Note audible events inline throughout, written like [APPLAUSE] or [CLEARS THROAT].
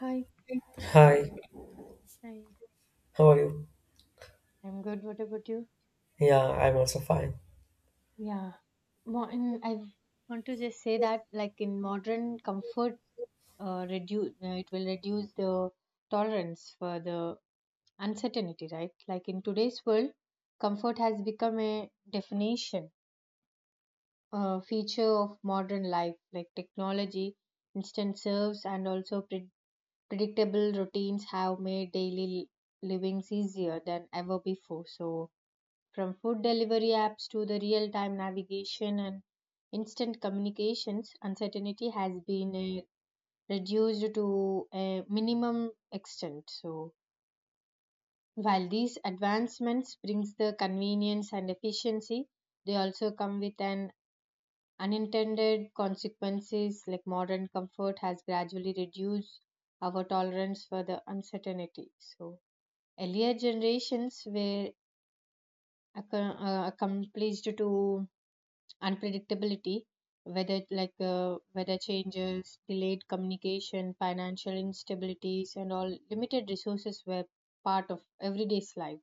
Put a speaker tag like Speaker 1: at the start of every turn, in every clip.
Speaker 1: Hi.
Speaker 2: Hi,
Speaker 1: Hi.
Speaker 2: how are you?
Speaker 1: I'm good. What about you?
Speaker 2: Yeah, I'm also fine.
Speaker 1: Yeah. I want to just say that, like in modern comfort, reduce it will reduce the tolerance for the uncertainty, right? Like in today's world, comfort has become a definition, a feature of modern life. Like technology, instant serves, and also predictable routines have made daily livings easier than ever before. So from food delivery apps to the real time navigation and instant communications, uncertainty has been reduced to a minimum extent. So, while these advancements brings the convenience and efficiency, they also come with an unintended consequences like modern comfort has gradually reduced our tolerance for the uncertainty. So, earlier generations were accomplished to unpredictability, whether like weather changes, delayed communication, financial instabilities, and all limited resources were part of everyday's life.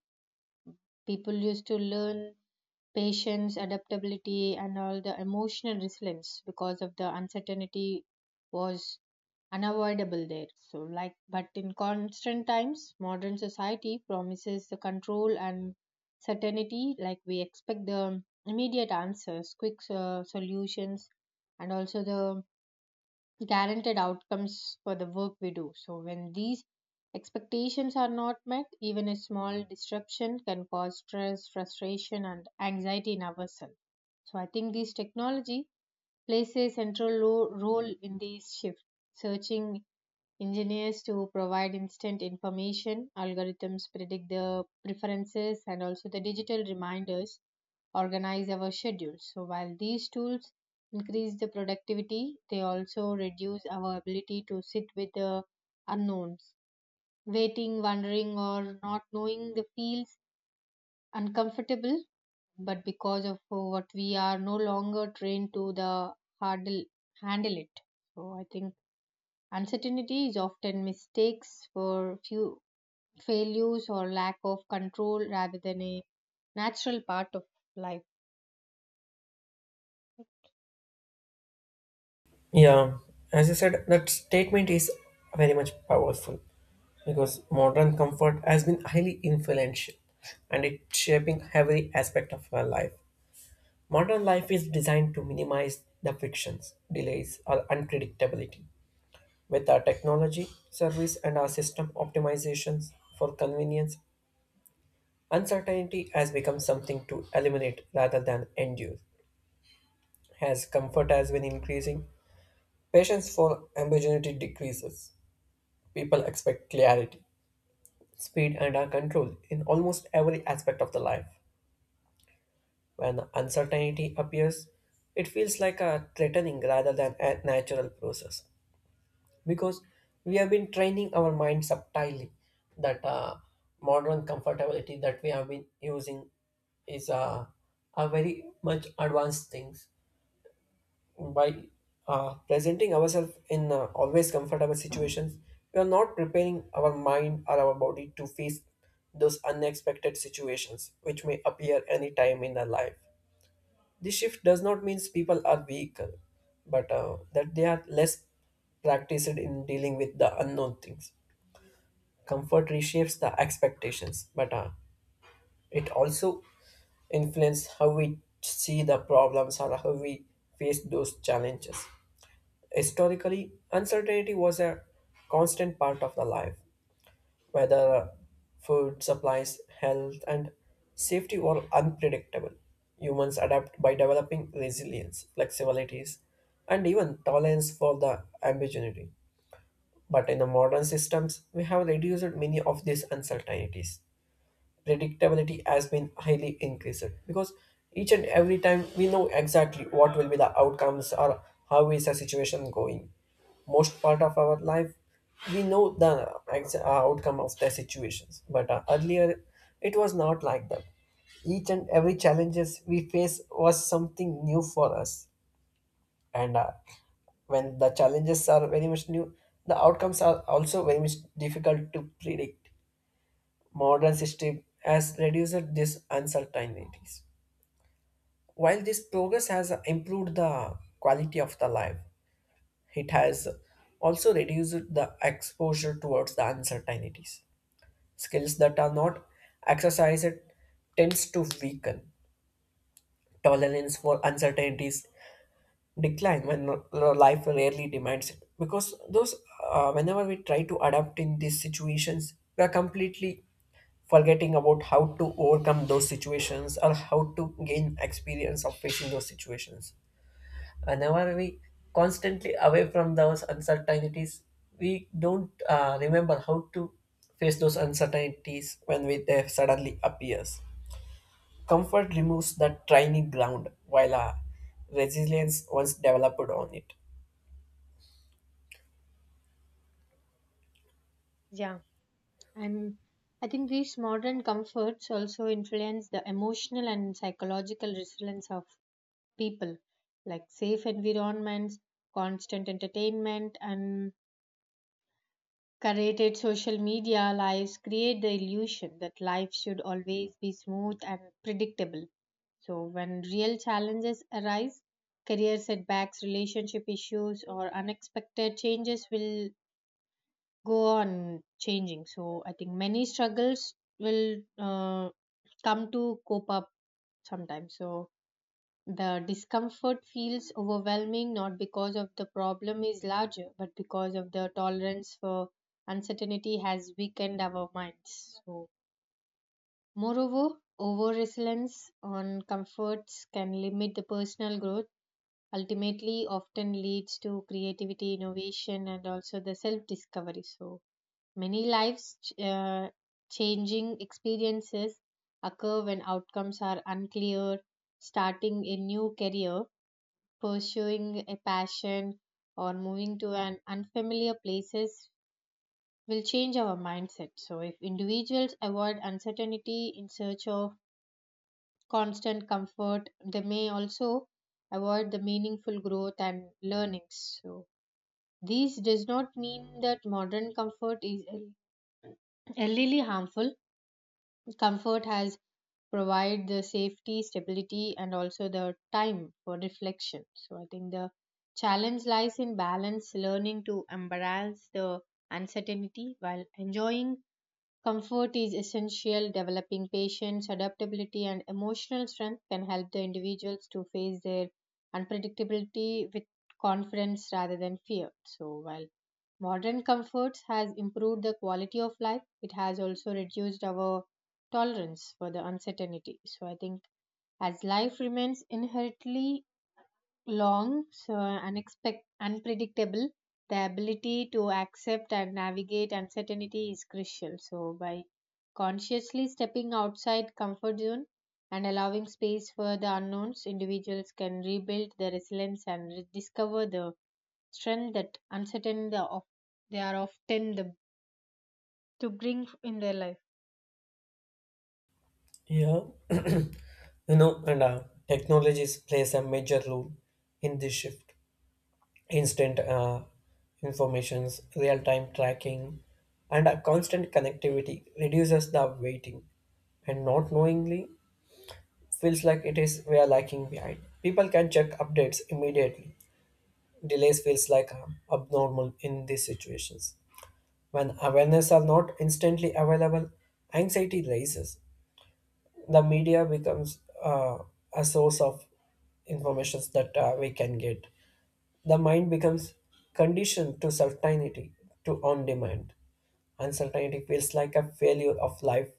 Speaker 1: People used to learn patience, adaptability, and all the emotional resilience because of the uncertainty was unavoidable there. So, like, but in constant times, modern society promises the control and certainty, like, we expect the immediate answers, quick solutions, and also the guaranteed outcomes for the work we do. So, when these expectations are not met, even a small disruption can cause stress, frustration, and anxiety in ourselves. So, I think this technology plays a central role in this shift, searching engineers to provide instant information, algorithms predict the preferences, and also the digital reminders organize our schedules. So, while these tools increase the productivity, they also reduce our ability to sit with the unknowns. Waiting, wondering, or not knowing the feels uncomfortable, but because of what we are no longer trained to the hardle, handle it. So, I think uncertainty is often mistakes for few failures or lack of control rather than a natural part of life.
Speaker 2: Yeah, as you said, that statement is very much powerful because modern comfort has been highly influential and it's shaping every aspect of our life. Modern life is designed to minimize the frictions, delays, or unpredictability. With our technology, service, and our system optimizations for convenience, uncertainty has become something to eliminate rather than endure. As comfort has been increasing, patience for ambiguity decreases. People expect clarity, speed, and our control in almost every aspect of the life. When uncertainty appears, it feels like a threatening rather than a natural process because we have been training our mind subtly that modern comfortability that we have been using is a very much advanced things by presenting ourselves in always comfortable situations, we are not preparing our mind or our body to face those unexpected situations which may appear anytime in our life. This shift does not mean people are weak, but that they are less practiced in dealing with the unknown things. Comfort reshapes the expectations, but it also influences how we see the problems or how we face those challenges. Historically, uncertainty was a constant part of the life, whether food, supplies, health, and safety were unpredictable. Humans adapt by developing resilience, flexibilities, and even tolerance for the ambiguity. But in the modern systems, we have reduced many of these uncertainties. Predictability has been highly increased because each and every time we know exactly what will be the outcomes or how is the situation going. Most part of our life, we know the outcome of the situations, but earlier it was not like that. Each and every challenges we face was something new for us, and when the challenges are very much new, the outcomes are also very much difficult to predict. Modern system has reduced these uncertainties. While this progress has improved the quality of the life, it has also reduced the exposure towards the uncertainties. Skills that are not exercised tends to weaken. Tolerance for uncertainties decline when life rarely demands it. Because those, whenever we try to adapt in these situations, we are completely forgetting about how to overcome those situations or how to gain experience of facing those situations. Whenever we constantly away from those uncertainties, we don't remember how to face those uncertainties when we, they suddenly appears. Comfort removes that training ground while resilience was developed on it.
Speaker 1: Yeah, and I think these modern comforts also influence the emotional and psychological resilience of people, like safe environments, constant entertainment, and curated social media lives create the illusion that life should always be smooth and predictable. So, when real challenges arise, career setbacks, relationship issues, or unexpected changes will go on changing. So, I think many struggles will come to cope up sometimes. So, the discomfort feels overwhelming not because of the problem is larger, but because of the tolerance for uncertainty has weakened our minds. So, moreover, over reliance on comforts can limit the personal growth ultimately often leads to creativity, innovation, and also the self discovery. So, many lives uh, changing experiences occur when outcomes are unclear, starting a new career, pursuing a passion, or moving to an unfamiliar places will change our mindset. So, if individuals avoid uncertainty in search of constant comfort, they may also avoid the meaningful growth and learnings. So, this does not mean that modern comfort is elderly harmful. Comfort has provided the safety, stability, and also the time for reflection. So I think the challenge lies in balance, learning to embrace the uncertainty while enjoying comfort is essential. Developing patience, adaptability, and emotional strength can help the individuals to face their unpredictability with confidence rather than fear. So, while modern comforts has improved the quality of life, it has also reduced our tolerance for the uncertainty. So, I think as life remains inherently long, so unpredictable. The ability to accept and navigate uncertainty is crucial. So, by consciously stepping outside comfort zone and allowing space for the unknowns, individuals can rebuild their resilience and rediscover the strength that uncertain the of they are often the to bring in their life.
Speaker 2: Yeah, [CLEARS THROAT] you know, and technologies plays a major role in this shift. Instant informations, real time tracking, and a constant connectivity reduces the waiting. And not knowingly feels like it is we are lacking behind. People can check updates immediately. Delays feels like abnormal in these situations. When awareness are not instantly available, anxiety rises. The media becomes a source of informations that we can get. The mind becomes conditioned to certainty, to on demand. Uncertainty feels like a failure of life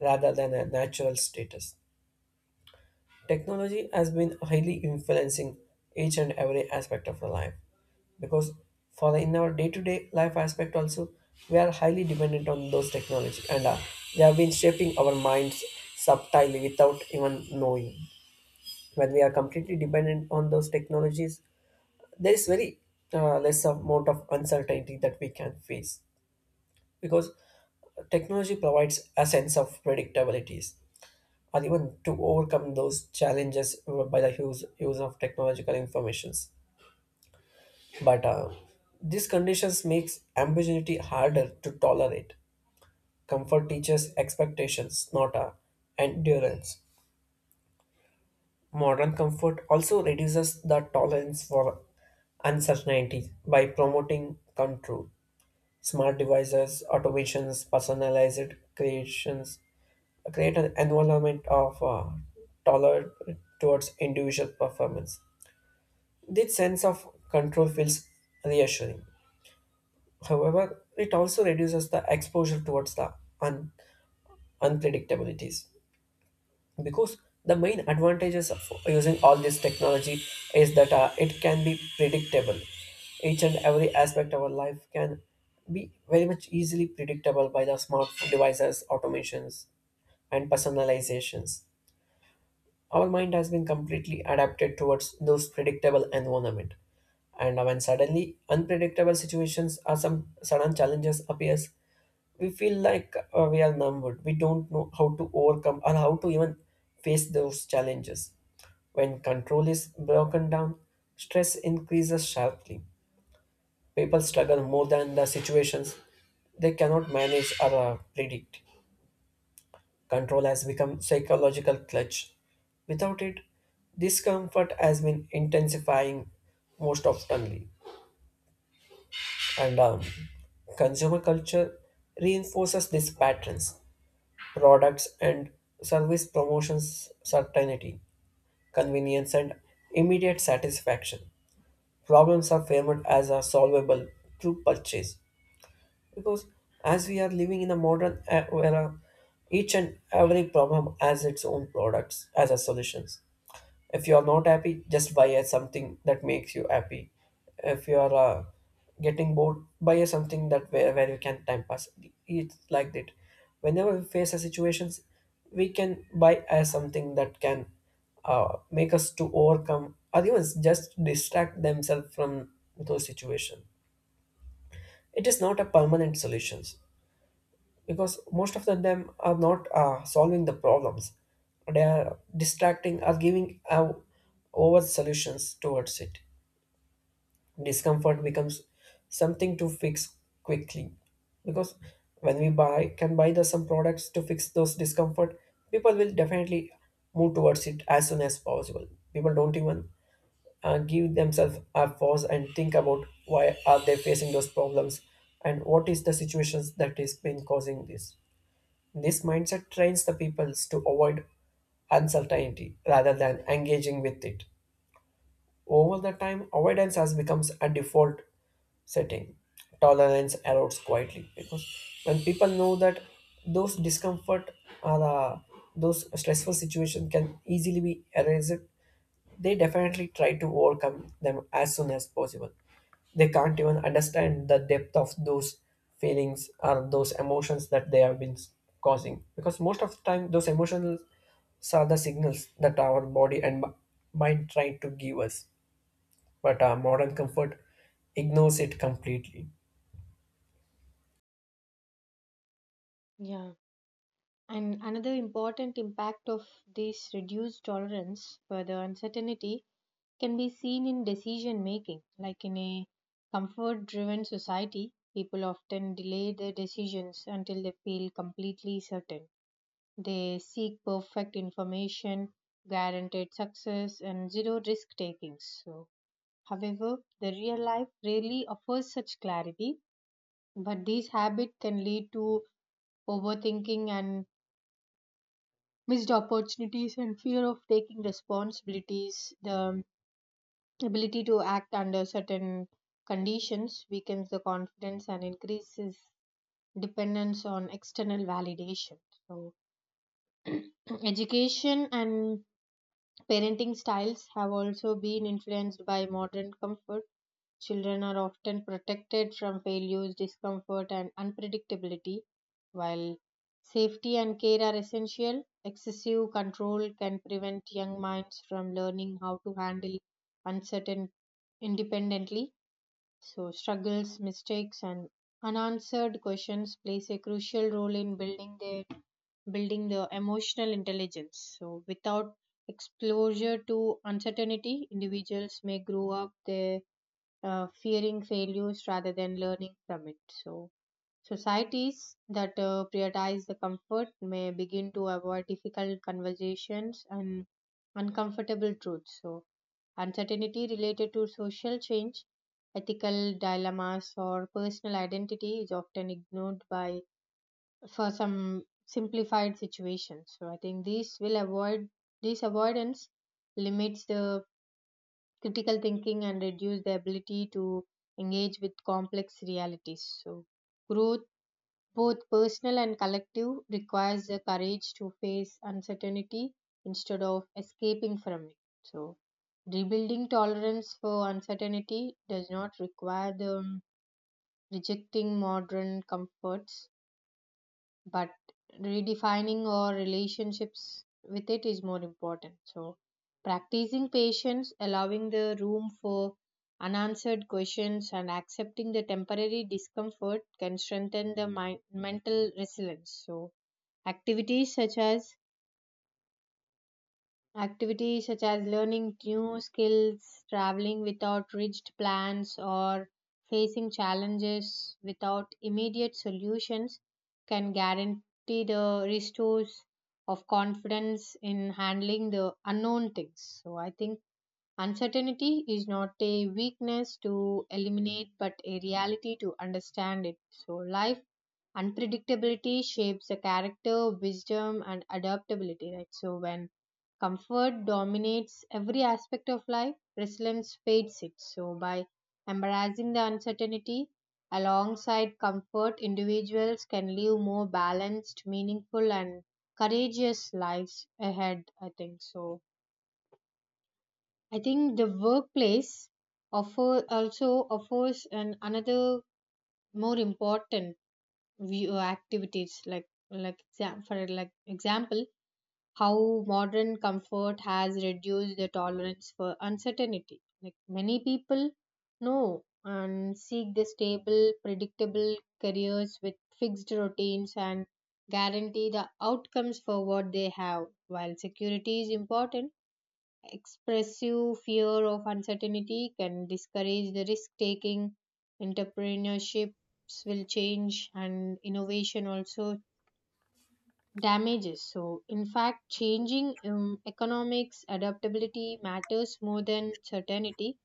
Speaker 2: rather than a natural status. Technology has been highly influencing each and every aspect of our life, because for in our day-to-day life aspect also we are highly dependent on those technology, and they have been shaping our minds subtly without even knowing. When we are completely dependent on those technologies, there is very less amount of uncertainty that we can face, because technology provides a sense of predictabilities or even to overcome those challenges by the use of technological informations. But these conditions makes ambiguity harder to tolerate. Comfort teaches expectations, not endurance. Modern comfort also reduces the tolerance for uncertainty by promoting control. Smart devices, automations, personalized creations create an environment of tolerance towards individual performance. This sense of control feels reassuring. However, it also reduces the exposure towards the un- unpredictabilities, because the main advantages of using all this technology is that it can be predictable. Each and every aspect of our life can be very much easily predictable by the smart devices, automations, and personalizations. Our mind has been completely adapted towards those predictable environment, and when suddenly unpredictable situations or some sudden challenges appears, we feel like we are numbered. We don't know how to overcome or how to even face those challenges. When control is broken down, stress increases sharply. People struggle more than the situations they cannot manage or predict. Control has become psychological clutch. Without it, discomfort has been intensifying most oftenly, and consumer culture reinforces these patterns. Products and service promotions certainty, convenience, and immediate satisfaction. Problems are framed as a solvable through purchase, because as we are living in a modern era, each and every problem has its own products as a solutions. If you are not happy, just buy a something that makes you happy. If you are getting bored, buy a something that where you can time pass. It's like that. Whenever we face a situations, we can buy as something that can make us to overcome or even just distract themselves from those situations. It is not a permanent solutions, because most of the them are not solving the problems. They are distracting or giving over solutions towards it. Discomfort becomes something to fix quickly, because when we buy the some products to fix those discomfort, people will definitely move towards it as soon as possible. People don't even give themselves a pause and think about why are they facing those problems and what is the situations that is been causing this. This mindset trains the peoples to avoid uncertainty rather than engaging with it. Over the time, avoidance has becomes a default setting. Tolerance erodes quietly, because when people know that those discomfort or those stressful situations can easily be erased, they definitely try to overcome them as soon as possible. They can't even understand the depth of those feelings or those emotions that they have been causing, because most of the time those emotions are the signals that our body and mind try to give us, but our modern comfort ignores it completely.
Speaker 1: Yeah. And another important impact of this reduced tolerance for the uncertainty can be seen in decision making. Like in a comfort driven society, people often delay their decisions until they feel completely certain. They seek perfect information, guaranteed success, and zero risk taking. So, however, the real life rarely offers such clarity, but this habit can lead to overthinking and missed opportunities and fear of taking responsibilities. The ability to act under certain conditions weakens the confidence and increases dependence on external validation. So [CLEARS THROAT] education and parenting styles have also been influenced by modern comfort. Children are often protected from failures discomfort and unpredictability. While safety and care are essential, excessive control can prevent young minds from learning how to handle uncertain independently. So, struggles, mistakes, and unanswered questions plays a crucial role in building the emotional intelligence. So, without exposure to uncertainty, individuals may grow up they fearing failures rather than learning from it. So, societies that prioritize the comfort may begin to avoid difficult conversations and uncomfortable truths. So, uncertainty related to social change, ethical dilemmas, or personal identity is often ignored by for some simplified situations. So, I think this avoidance limits the critical thinking and reduce the ability to engage with complex realities. So, growth both personal and collective, requires the courage to face uncertainty instead of escaping from it. So, rebuilding tolerance for uncertainty does not require the rejecting modern comforts but redefining our relationships with it is more important. So practicing patience allowing the room for unanswered questions and accepting the temporary discomfort can strengthen the mind, mental resilience. So activities such as activities such as learning new skills, traveling without rigid plans, or facing challenges without immediate solutions can guarantee the restores of confidence in handling the unknown things. So, I think uncertainty is not a weakness to eliminate, but a reality to understand it. So, life unpredictability shapes the character, wisdom, and adaptability, right? So, when comfort dominates every aspect of life, resilience fades it. So, by embracing the uncertainty alongside comfort, individuals can live more balanced, meaningful, and courageous lives ahead, I think so. I think the workplace offer also offers an another more important view. Activities like for like example how modern comfort has reduced the tolerance for uncertainty. Like many people know and seek the stable, predictable careers with fixed routines and guarantee the outcomes for what they have. While security is important, expressive fear of uncertainty can discourage the risk taking. Entrepreneurships will change and innovation also damages. So, in fact, changing economics adaptability matters more than certainty.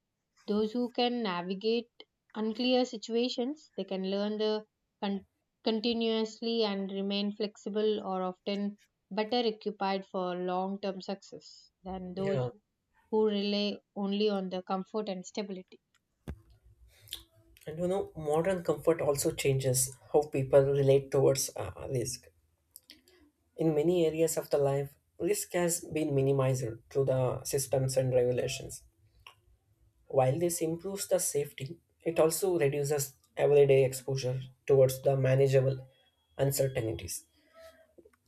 Speaker 1: Those who can navigate unclear situations, they can learn the con- continuously and remain flexible or often better equipped for long term success than those
Speaker 2: Yeah,
Speaker 1: who rely only on the comfort and stability.
Speaker 2: and you know, modern comfort also changes how people relate towards risk. In many areas of the life, risk has been minimized through the systems and regulations. While this improves the safety, it also reduces everyday exposure towards the manageable uncertainties.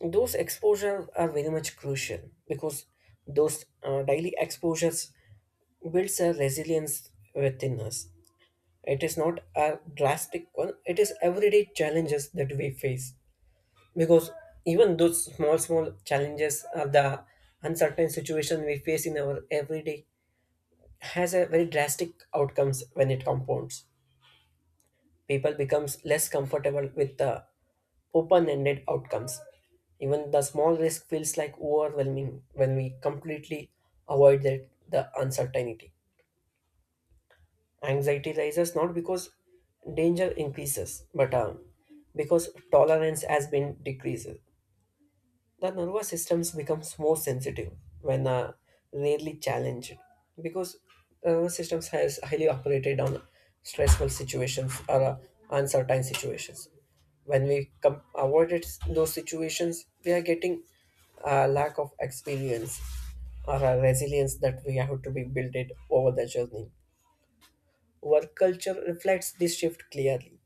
Speaker 2: Those exposures are very much crucial, because those daily exposures builds a resilience within us. It is not a drastic one, it is everyday challenges that we face. Because even those small, small challenges or the uncertain situation we face in our everyday has a very drastic outcomes when it compounds. People becomes less comfortable with the open-ended outcomes. Even the small risk feels like overwhelming when we completely avoid the uncertainty. Anxiety rises not because danger increases, but because tolerance has been decreased. The nervous systems becomes more sensitive when rarely challenged, because the nervous systems has highly operated on stressful situations or uncertain situations. When we avoided those situations, we are getting a lack of experience or a resilience that we have to be built it over the journey. Work culture reflects this shift clearly.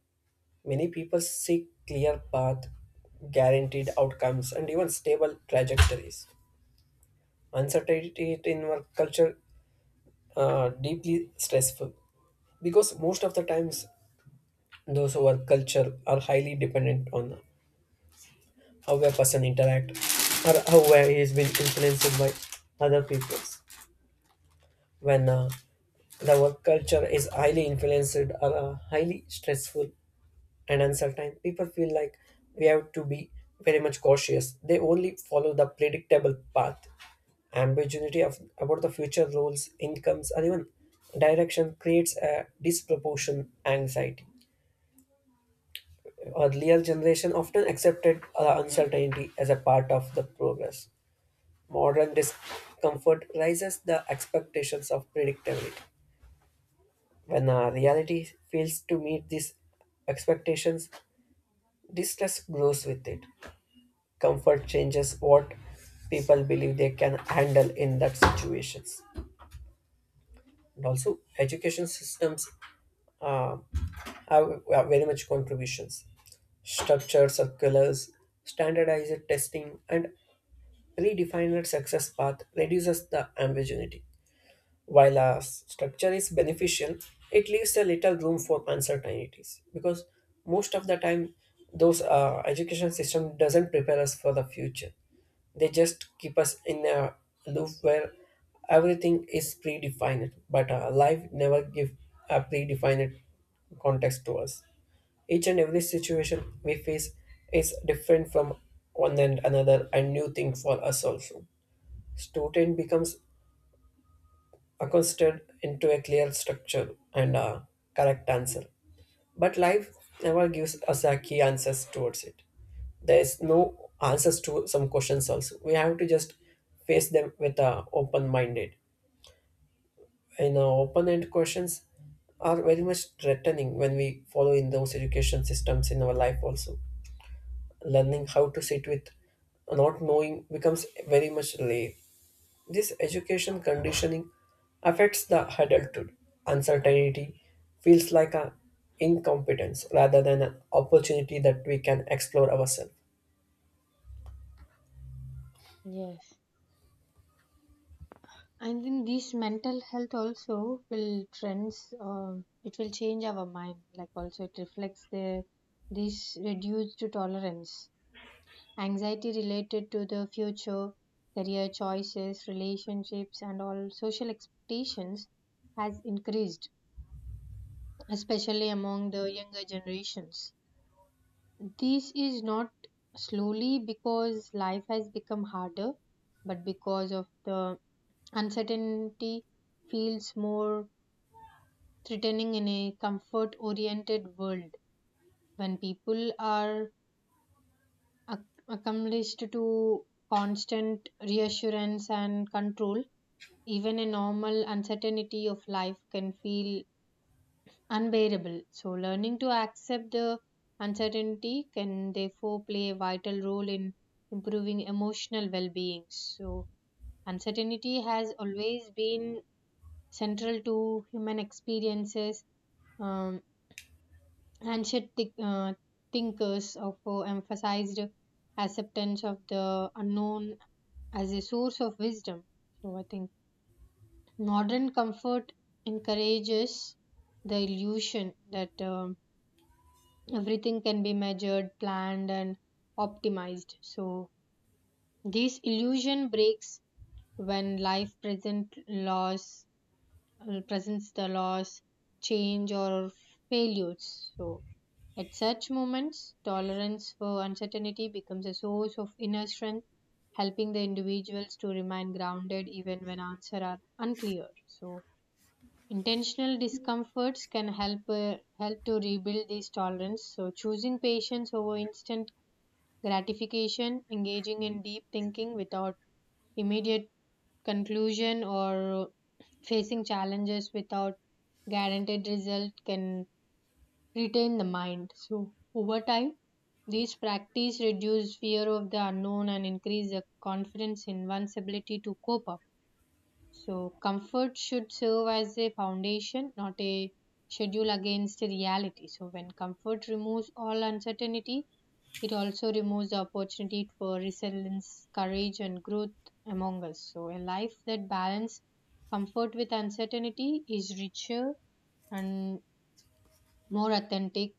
Speaker 2: Many people seek clear path, guaranteed outcomes, and even stable trajectories. Uncertainty in work culture deeply stressful, because most of the times those who work culture are highly dependent on how a person interact or how well he has been influenced by other people. When the work culture is highly influenced or highly stressful, and uncertain, people feel like we have to be very much cautious. They only follow the predictable path. Ambiguity about the future roles, incomes, or even direction creates a disproportion anxiety. Earlier generation often accepted uncertainty as a part of the progress. Modern discomfort raises the expectations of predictability. When our reality fails to meet these expectations, distress grows with it. Comfort changes what people believe they can handle in that situations. And also education systems uh, have very much contributions. Structured circulars, standardized testing, and predefined success path reduces the ambiguity. While a structure is beneficial, it leaves a little room for uncertainties, because most of the time those education system doesn't prepare us for the future. They just keep us in a loop where everything is predefined, but life never give a predefined context to us. Each and every situation we face is different from one and another and new thing for us also. Student becomes accustomed into a clear structure and a correct answer. But life never gives us a key answers towards it. There is no answers to some questions also. We have to just face them with a open minded. You know, open end questions are very much threatening when we follow in those education systems in our life also. Learning how to sit with not knowing becomes very much late. This education conditioning affects the adulthood. Uncertainty feels like a incompetence rather than an opportunity that we can explore ourselves.
Speaker 1: Yes, and then this mental health also will trends. Um, it will change our mind. Like also, it reflects the this reduced tolerance. Anxiety related to the future, career choices, relationships, and all social expectations has increased, especially among the younger generations. This is not slowly because life has become harder, but because of the uncertainty feels more threatening in a comfort oriented world. When people are ac- accustomed to constant reassurance and control, even a normal uncertainty of life can feel unbearable. So, learning to accept the uncertainty can therefore play a vital role in improving emotional well being. So, uncertainty has always been central to human experiences. Um, ancient thinkers of emphasized acceptance of the unknown as a source of wisdom. So, I think modern comfort encourages the illusion that everything can be measured, planned, and optimized. So, this illusion breaks when life presents the loss, change, or failures. So, at such moments, tolerance for uncertainty becomes a source of inner strength, helping the individuals to remain grounded even when answers are unclear. So, intentional discomforts can help to rebuild these tolerance. So choosing patience over instant gratification, engaging in deep thinking without immediate conclusion or facing challenges without guaranteed result can retain the mind. So over time, these practice reduce fear of the unknown and increase the confidence in one's ability to cope up. So, comfort should serve as a foundation, not a schedule against reality. So, when comfort removes all uncertainty, it also removes the opportunity for resilience, courage, and growth among us. So, a life that balances comfort with uncertainty is richer and more authentic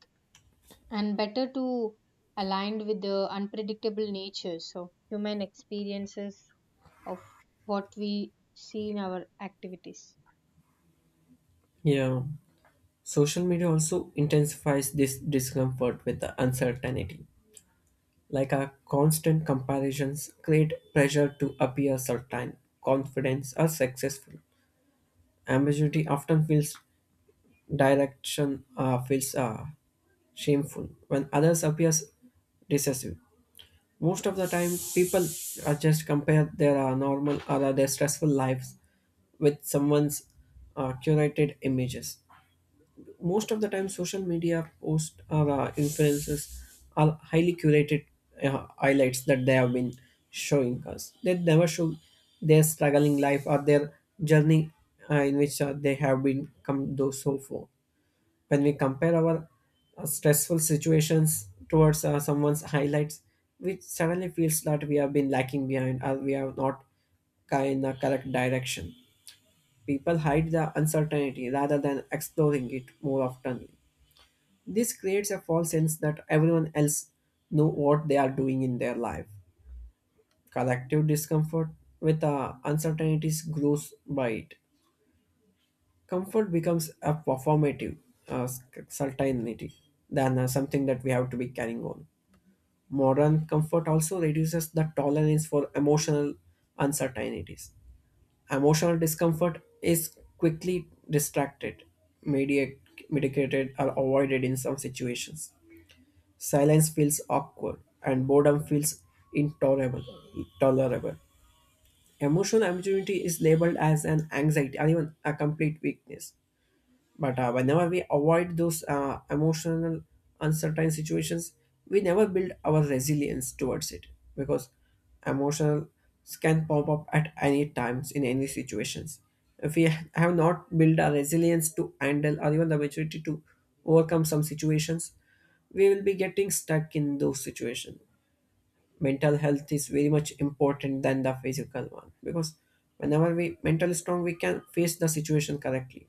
Speaker 1: and better to aligned with the unpredictable nature. So, human experiences of what we see in our activities.
Speaker 2: Yeah. Social media also intensifies this discomfort with the uncertainty. Like our constant comparisons create pressure to appear certain, confident, or successful. Ambiguity often feels direction feels shameful when others appear decisive. Most of the time, people are just compare their normal or their stressful lives with someone's curated images. Most of the time, social media posts or influences are highly curated highlights that they have been showing us. They never show their struggling life or their journey in which they have been come though so far. When we compare our stressful situations towards someone's highlights, we suddenly feels that we have been lacking behind or we are not in the correct direction. People hide the uncertainty rather than exploring it more often. This creates a false sense that everyone else know what they are doing in their life. Collective discomfort with uncertainties grows by it. Comfort becomes a performative uh, certainty than something that we have to be carrying on. Modern comfort also reduces the tolerance for emotional uncertainties. Emotional discomfort is quickly distracted, mediate, medicated, or avoided in some situations. Silence feels awkward and boredom feels intolerable. Tolerable. Emotional ambiguity is labeled as an anxiety or even a complete weakness. But whenever we avoid those emotional uncertain situations, we never build our resilience towards it, because emotional can pop up at any times in any situations. If we have not built our resilience to handle or even the maturity to overcome some situations, we will be getting stuck in those situations. Mental health is very much important than the physical one, because whenever we mentally strong we can face the situation correctly.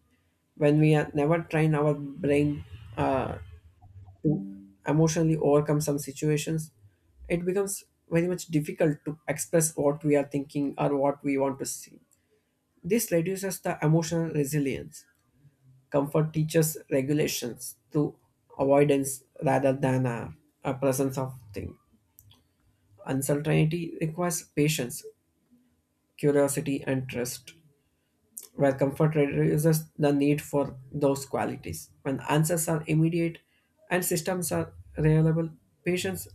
Speaker 2: When we are never train our brain uh, to emotionally overcome some situations, it becomes very much difficult to express what we are thinking or what we want to see. This reduces the emotional resilience. Comfort teaches regulations to avoidance rather than a presence of thing. Uncertainty requires patience, curiosity, and trust, where comfort reduces the need for those qualities. When answers are immediate and systems are reliable, patience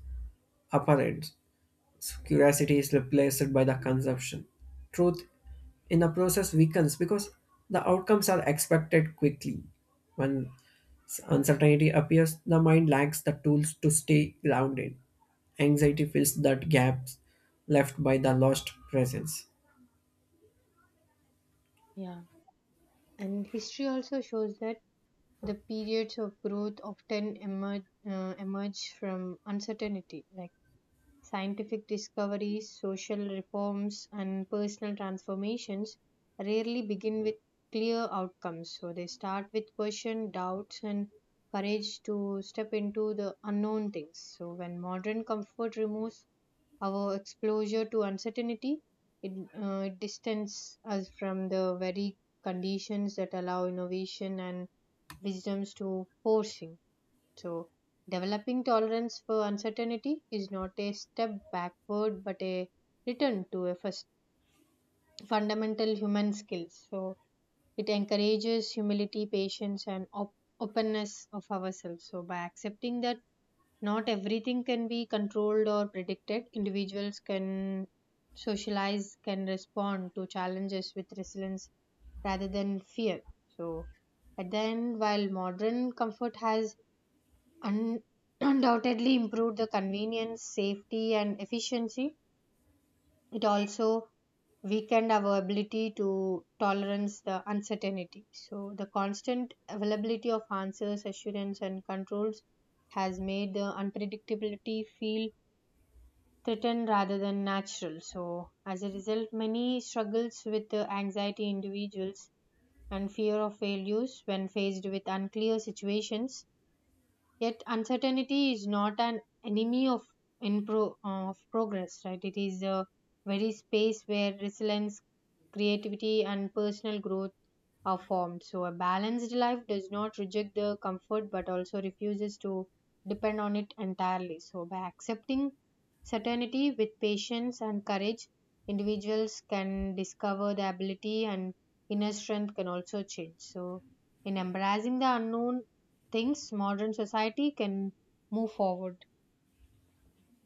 Speaker 2: apparent. Curiosity is replaced by the consumption. Truth in the process weakens because the outcomes are expected quickly. When uncertainty appears, the mind lacks the tools to stay grounded. Anxiety fills that gaps left by the lost presence.
Speaker 1: Yeah. And history also shows that the periods of growth often emerge from uncertainty, like scientific discoveries, social reforms, and personal transformations rarely begin with clear outcomes. So they start with question, doubts, and courage to step into the unknown things. So when modern comfort removes our exposure to uncertainty it distances us from the very conditions that allow innovation and wisdoms to forcing. So, developing tolerance for uncertainty is not a step backward but a return to a first fundamental human skills. So, it encourages humility, patience, and openness of ourselves. So, by accepting that not everything can be controlled or predicted, individuals can socialize, can respond to challenges with resilience rather than fear. So, at the end, while modern comfort has un- [CLEARS THROAT] undoubtedly improved the convenience, safety, and efficiency, it also weakened our ability to tolerance the uncertainty. So, the constant availability of answers, assurance, and controls has made the unpredictability feel threatened rather than natural. So, as a result, many struggles with anxiety individuals and fear of failures when faced with unclear situations. Yet uncertainty is not an enemy of of progress, right? It is a very space where resilience, creativity, and personal growth are formed. So a balanced life does not reject the comfort, but also refuses to depend on it entirely. So by accepting certainty with patience and courage, individuals can discover the ability and inner strength can also change. So in embracing the unknown things modern society can move forward.